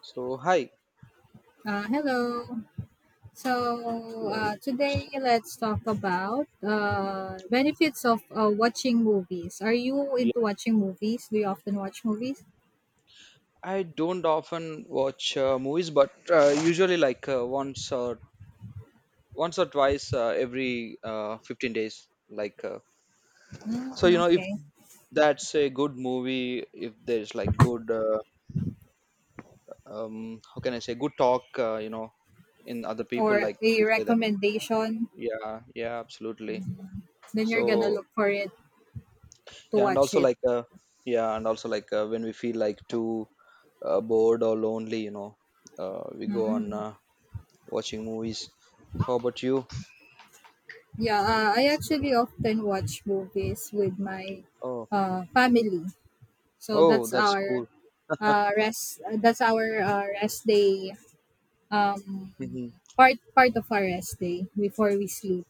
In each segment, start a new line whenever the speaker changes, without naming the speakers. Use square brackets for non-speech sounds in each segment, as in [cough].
So, hi.
Hello.
Hello. S-
Today let's talk about benefits of watching movies. Are you
Yeah,
into watching movies? Do you often watch movies?
I don't often watch movies, but usually once or twice every 15 days.
Mm,
If
okay.
that's a good movie, if there's like good, how can I say, good talk, in other people
Or
like
a
this way that.
recommendation,
Yeah, yeah, absolutely.
then you're gonna
So
look for it to
yeah, and
watch
also
it.
yeah, and also when we feel like too bored or lonely, you know, we go on.
Mm.
Watching movies. How about you?
Yeah, I actually often watch movies with my
Oh,
family. So
oh,
that's
that's
our
cool.
rest day. Um,
Hmm.
part of our rest day before we sleep.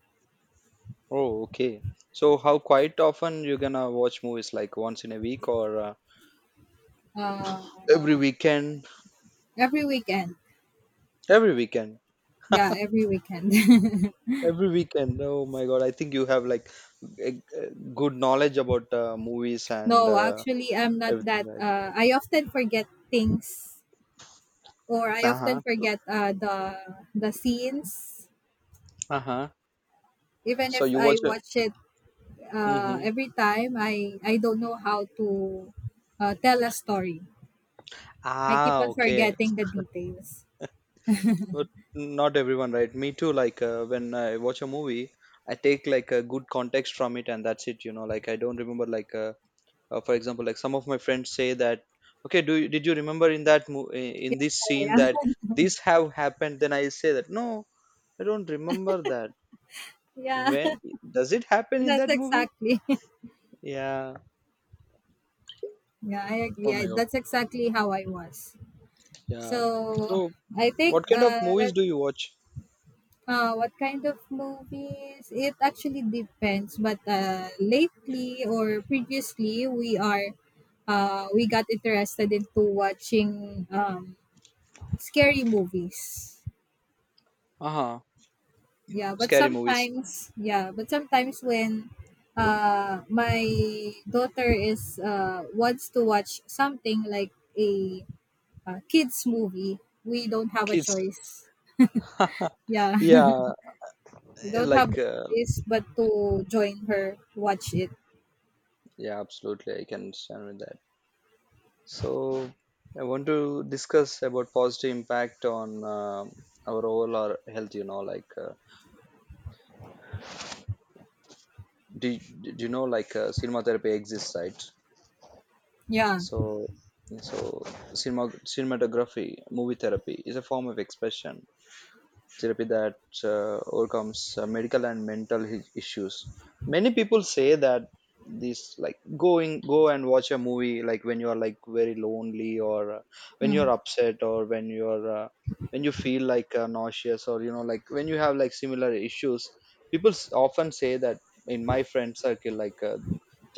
Oh, okay. So, how quite often you gonna watch movies? Like once in a week or
Uh,
every weekend?
every weekend.
Every weekend.
Yeah, every weekend. [laughs]
Every weekend. Oh my God! I think you have like a good knowledge about movies and
No, actually, I'm not
everything,
that.
right?
I often forget things, or I
Uh
often
huh.
forget the scenes.
Uh huh.
Even
So
if
you
I
watch.
watch it
Mm-hmm.
every time, I don't know how to tell a story. I keep
Ah,
on
okay.
forgetting the details.
But not everyone, right? Me too. Like when I watch a movie, I take like a good context from it, and that's it. You know, like I don't remember. For example, like some of my friends say that, okay, do you, did you remember in that in this scene
Yeah,
that this have happened? Then I say that no, I don't remember that.
[laughs] yeah,
When
[laughs]
does it happen in
that's
that movie?
exactly.
Yeah.
Yeah, I agree.
Oh my god.
That's exactly how I was.
Yeah.
So
So
I think
what kind of movies
that
do you watch?
What kind of movies? It actually depends, but lately or previously, we got interested into watching scary movies.
Uh huh. Scary movies.
Yeah, but sometimes when my daughter is wants to watch something like a, kids movie, we don't have a
Kids.
choice. Yeah,
Yeah.
[laughs] we don't have the
Like uh,
choice but to join her watch it.
Yeah, absolutely. I can understand with that. So I want to discuss about positive impact on our overall health. You know, like do, do you know like cinema therapy exists, right?
Yeah.
So so cinema Cinematography, movie therapy is a form of expression therapy that overcomes medical and mental issues. Many people say that this like going go and watch a movie, like when you are like very lonely or when you're
Hmm.
upset or when you're when you feel like nauseous, or you know like when you have like similar issues people often say that, in my friend circle like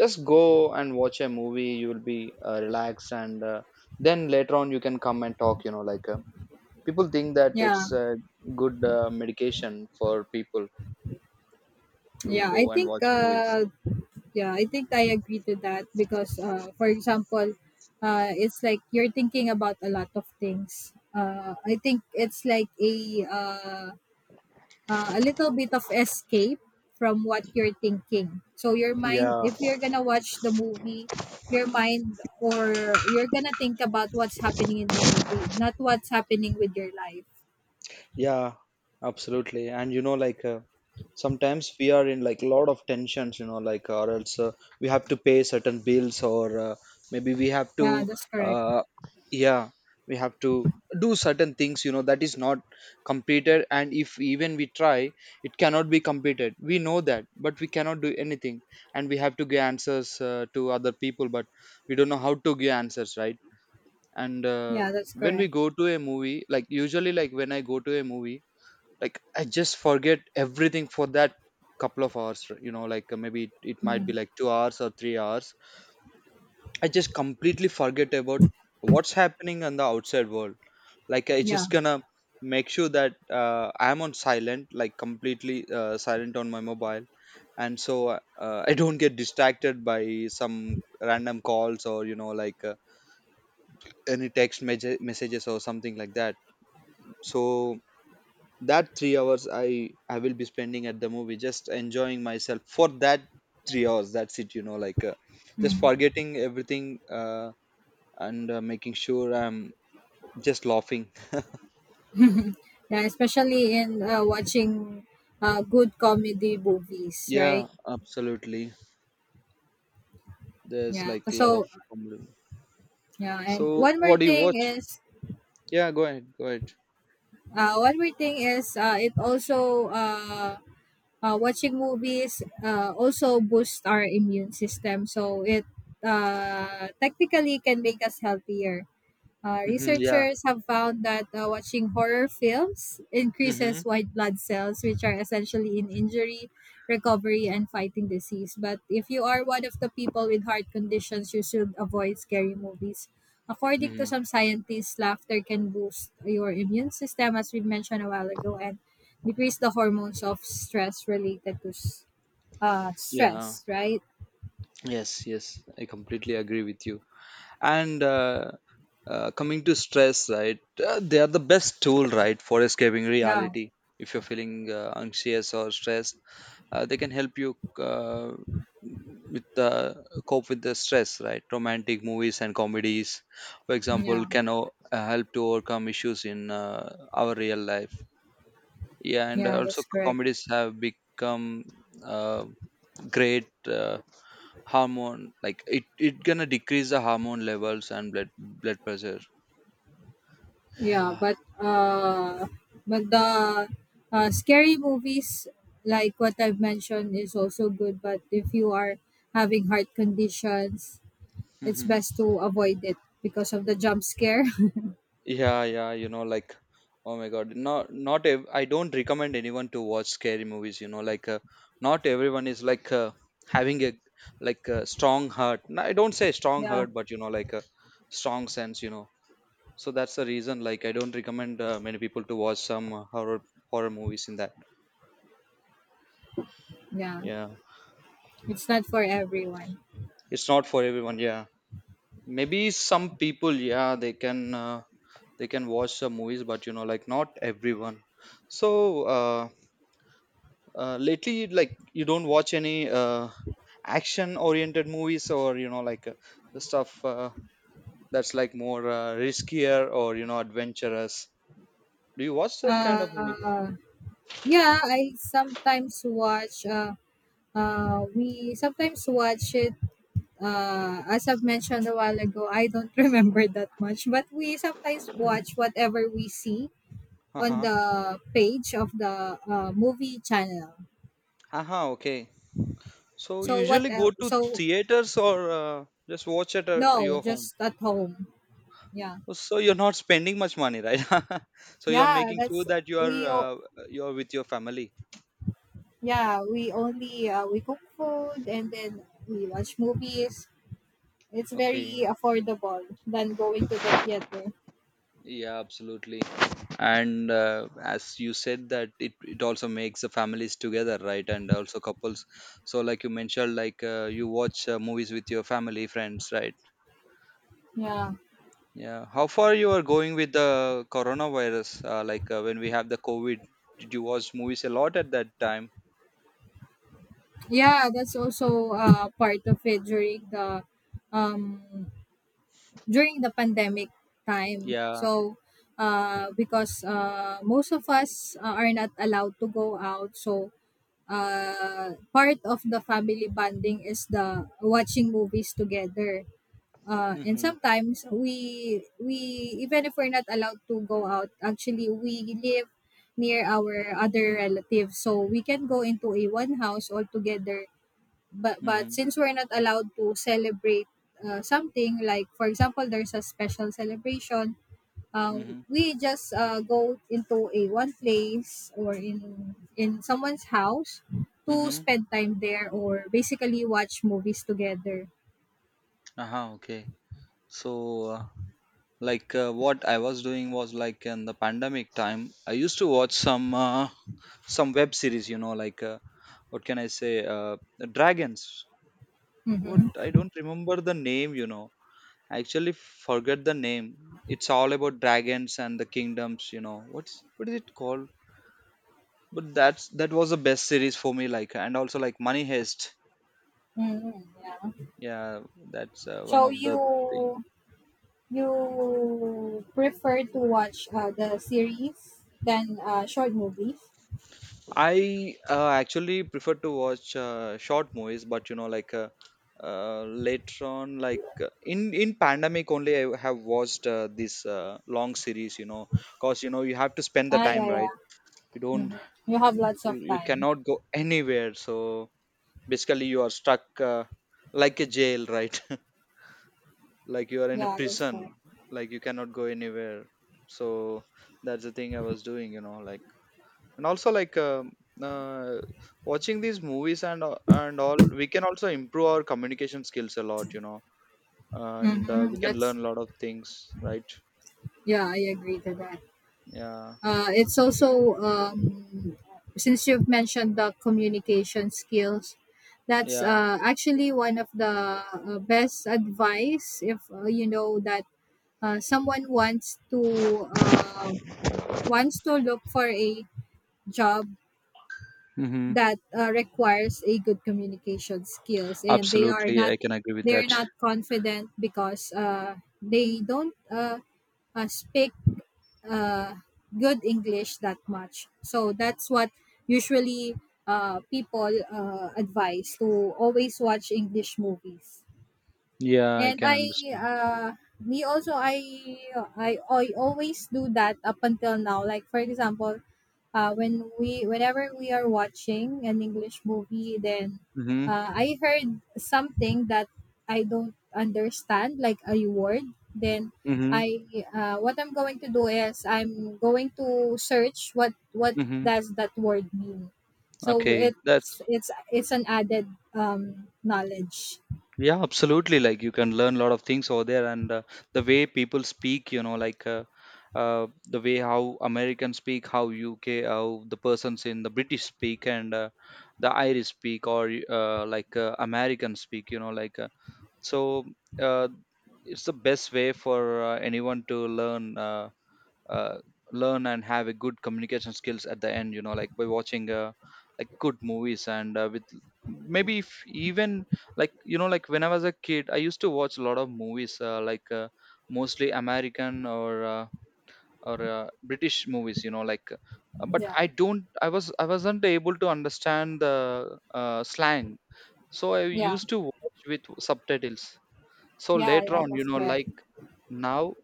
just go and watch a movie, you will be relaxed and then later on you can come and talk. You know like people think that it's
Yeah.
a good medication for people to
Yeah.
go and watch movies.
I think I agree to that because for example, it's like you're thinking about a lot of things. I think it's like a little bit of escape from what you're thinking. So your mind
Yeah,
if you're going to watch the movie, your mind or you're going to think about what's happening in the movie, not what's happening with your life.
yeah, absolutely. And you know, like sometimes we are in like a lot of tensions, you know, like, or else we have to pay certain bills, or maybe we have
Yeah,
to,
that's correct.
uh, yeah, we have to do certain things, you know, that is not completed. And if even we try, it cannot be completed. We know that, but we cannot do anything. And we have to give answers to other people, but we don't know how to give answers, right? And
Yeah, that's
when we
correct.
go to a movie, like usually, like when I go to a movie, I just forget everything for that couple of hours. You know like maybe it might be
Mhm.
like 2 hours or 3 hours. I just completely forget about what's happening in the outside world. Like I
Yeah.
just gonna make sure that I'm on silent, like completely silent on my mobile, and so I don't get distracted by some random calls, or you know like any text messages or something like that. So that 3 hours I will be spending at the movie, just enjoying myself for that 3 hours. That's it. You know like just
Mm.
forgetting everything, and making sure I'm just laughing.
Yeah, especially in watching good comedy movies, right?
Yeah, absolutely. There's
Yeah.
like a lot of comedy.
And
So
one more
what do you
thing
watch?
is
Yeah, go ahead, go ahead.
one more thing is it also watching movies also boosts our immune system. So it technically can make us healthier.
Hmm, yeah.
Researchers have found that watching horror films
Hmm.
increases white blood cells, which are essentially in injury, recovery, and fighting disease. But if you are one of the people with heart conditions, you should avoid scary movies. According to
Hmm.
some scientists, laughter can boost your immune system, as we mentioned a while ago, and decrease the hormones of stress related to
Yeah.
stress, right?
Yes, yes, I completely agree with you. And coming to stress, right, they are the best tool, right, for escaping
Yeah,
reality. If you're feeling anxious or stressed, they can help you with the cope with the stress, right? Romantic movies and comedies, for
yeah,
example, can help to overcome issues in our real life. Yeah, and
yeah,
also
that's correct.
comedies have become uh, great hormone, like it gonna decrease the hormone levels and blood pressure.
Yeah,
Yeah.
but the Scary movies like what I've mentioned is also good. But if you are having heart conditions, it's
Hmm.
best to avoid it because of the jump scare.
Yeah, yeah, you know like, oh my god, not not ev- I don't recommend anyone to watch scary movies. You know like not everyone is like having a like a strong heart. No, I don't say strong
[laughs] Yeah,
heart, but you know like a strong sense, you know. So that's the reason, like I don't recommend many people to watch some horror movies in that.
yeah,
Yeah,
it's not for everyone.
it's not for everyone. Yeah, maybe some people, yeah, they can watch some movies, but you know, like, not everyone. So uh, lately, like, you don't watch any action oriented movies, or you know like the stuff that's like more riskier, or you know, adventurous. Do you watch that kind of movies?
Uh, yeah, I sometimes watch. We sometimes watch it. As I've mentioned a while ago, I don't [laughs] remember that much, but we sometimes watch whatever we see on
Uh-huh,
the page of the movie channel.
uh-huh, okay. So
So what
usually go
else?
to
So
theaters or just watch at
no,
your home?
just at home. Yeah,
So you're not spending much money, right? [laughs] So you're
yeah.
making sure that you are
We. o-
you're with your family.
Yeah, we only we cook food and then we watch movies. It's very
Okay.
affordable than going to the theater.
Yeah, absolutely. And as you said that, it also makes the families together, right? And also couples. So like you mentioned, like you watch movies with your family, friends, right?
Yeah,
Yeah. How far you are going with the coronavirus? Like when we have the COVID, did you watch movies a lot at that time?
yeah. That's also part of it um during the pandemic time.
Yeah.
So, because most of us are not allowed to go out, so part of the family bonding is the watching movies together. And
Mm-hmm.
sometimes we even if we're not allowed to go out, actually we live near our other relatives, so we can go into a one house all together but
Mm-hmm.
since we're not allowed to celebrate something like for example there's a special celebration uh,
Mm-hmm.
we just go into a one place or in someone's house to
Mm-hmm.
spend time there or basically watch movies together.
Uh-huh, okay. So, like, what I was doing was like in the pandemic time, I used to watch some web series. You know, like, what can I say? Dragons. What,
Mm-hmm.
I don't remember the name. You know, I actually forget the name. It's all about dragons and the kingdoms. You know, what's, what is it called? But that's, that was the best series for me. Like, and also like Money Heist.
Mm-hmm. Yeah.
Yeah, that's
so
one of the thing.
you you prefer to watch the series than short movies?
I actually prefer to watch short movies, but you know, like later on, like in pandemic only, I have watched this long series. You know, cause you know you have to spend the
Ah, yeah,
time, right?
yeah.
You don't,
Mm-hmm. You have lots of
you
time.
cannot go anywhere. So basically, you are stuck like a jail, right? [laughs] Like you are in a
Yeah, that's
prison,
fine.
like you cannot go anywhere. So that's the thing I was doing. You know, like. And also like uh, watching these movies and and all, we can also improve our communication skills a lot, you know. And
Mm-hmm.
we can
That's
learn a lot of things, right?
Yeah, I agree to that.
Yeah,
It's also since you've mentioned the communication skills, that's
yeah.
actually one of the best advice if you know that someone wants to wants to look for a job
Mm-hmm.
that requires a good communication skills and
Absolutely, I can agree with
they are
that.
not confident because they don't speak uh, good English that much. So that's what usually people advise to always watch English movies.
Yeah, I
And
can
I
understand.
me also I always do that up until now. Like for example, whenever we are watching an English movie then
Mm-hmm.
I heard something that I don't understand like a word then
Mm-hmm.
I what I'm going to do is I'm going to search what
Mm-hmm.
does that word mean. So
Okay, that's,
it's an added knowledge.
yeah, absolutely. Like you can learn a lot of things over there, and the way people speak, you know, like the way how Americans speak, how UK, how the persons in the British speak, and the Irish speak, or like Americans speak, you know, like so. Uh, it's the best way for anyone to learn. Uh, Learn and have a good communication skills at the end. You know, like by watching like good movies and with maybe if even like, you know, like when I was a kid, I used to watch a lot of movies like mostly American, or British movies. You know like but
Yeah.
I don't, I was, I wasn't able to understand the slang, so I
Yeah.
used to watch with subtitles. So
Yeah,
later
yeah,
on, you
that's
know,
correct.
like, now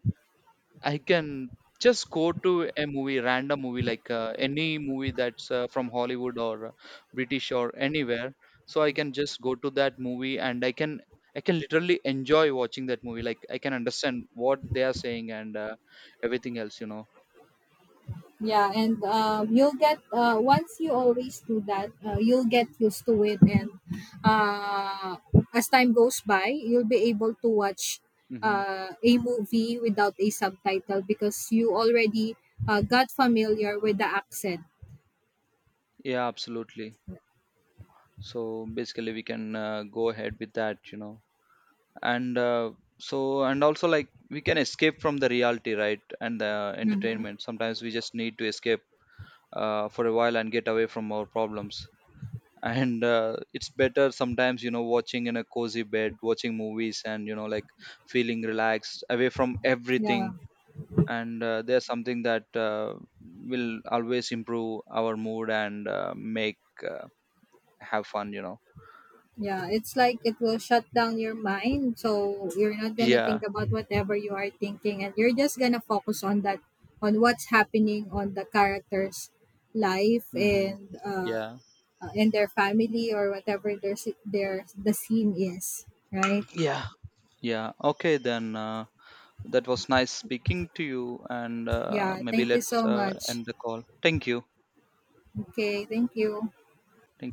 I can just go to a movie, random movie, like any movie that's from Hollywood, or British, or anywhere. So I can just go to that movie and I can literally enjoy watching that movie. Like I can understand what they are saying and everything else, you know.
Yeah, and you'll get once you always do that, you'll get used to it, and uh, as time goes by, you'll be able to watch
Hmm.
a movie without a subtitle because you already got familiar with the accent.
Yeah, absolutely. So basically, we can go ahead with that, you know. And and also like we can escape from the reality, right? And the
Mm-hmm.
entertainment. Sometimes we just need to escape for a while and get away from our problems. [laughs] And it's better sometimes, you know, watching in a cozy bed, watching movies, and you know, like feeling relaxed away from
Yeah.
everything. And there's something that will always improve our mood and make uh, have fun, you know.
Yeah, it's like it will shut down your mind. So you're not gonna think
Yeah.
about whatever you are thinking and you're just gonna focus on that on what's happening on the character's life
Hmm. Yeah.
and their family or whatever their their the scene is, right?
Yeah. Yeah. Okay, then that was nice speaking to you, and
Yeah,
maybe
thank you
let's
so much.
end the call. Thank you.
Okay, thank you.
Thank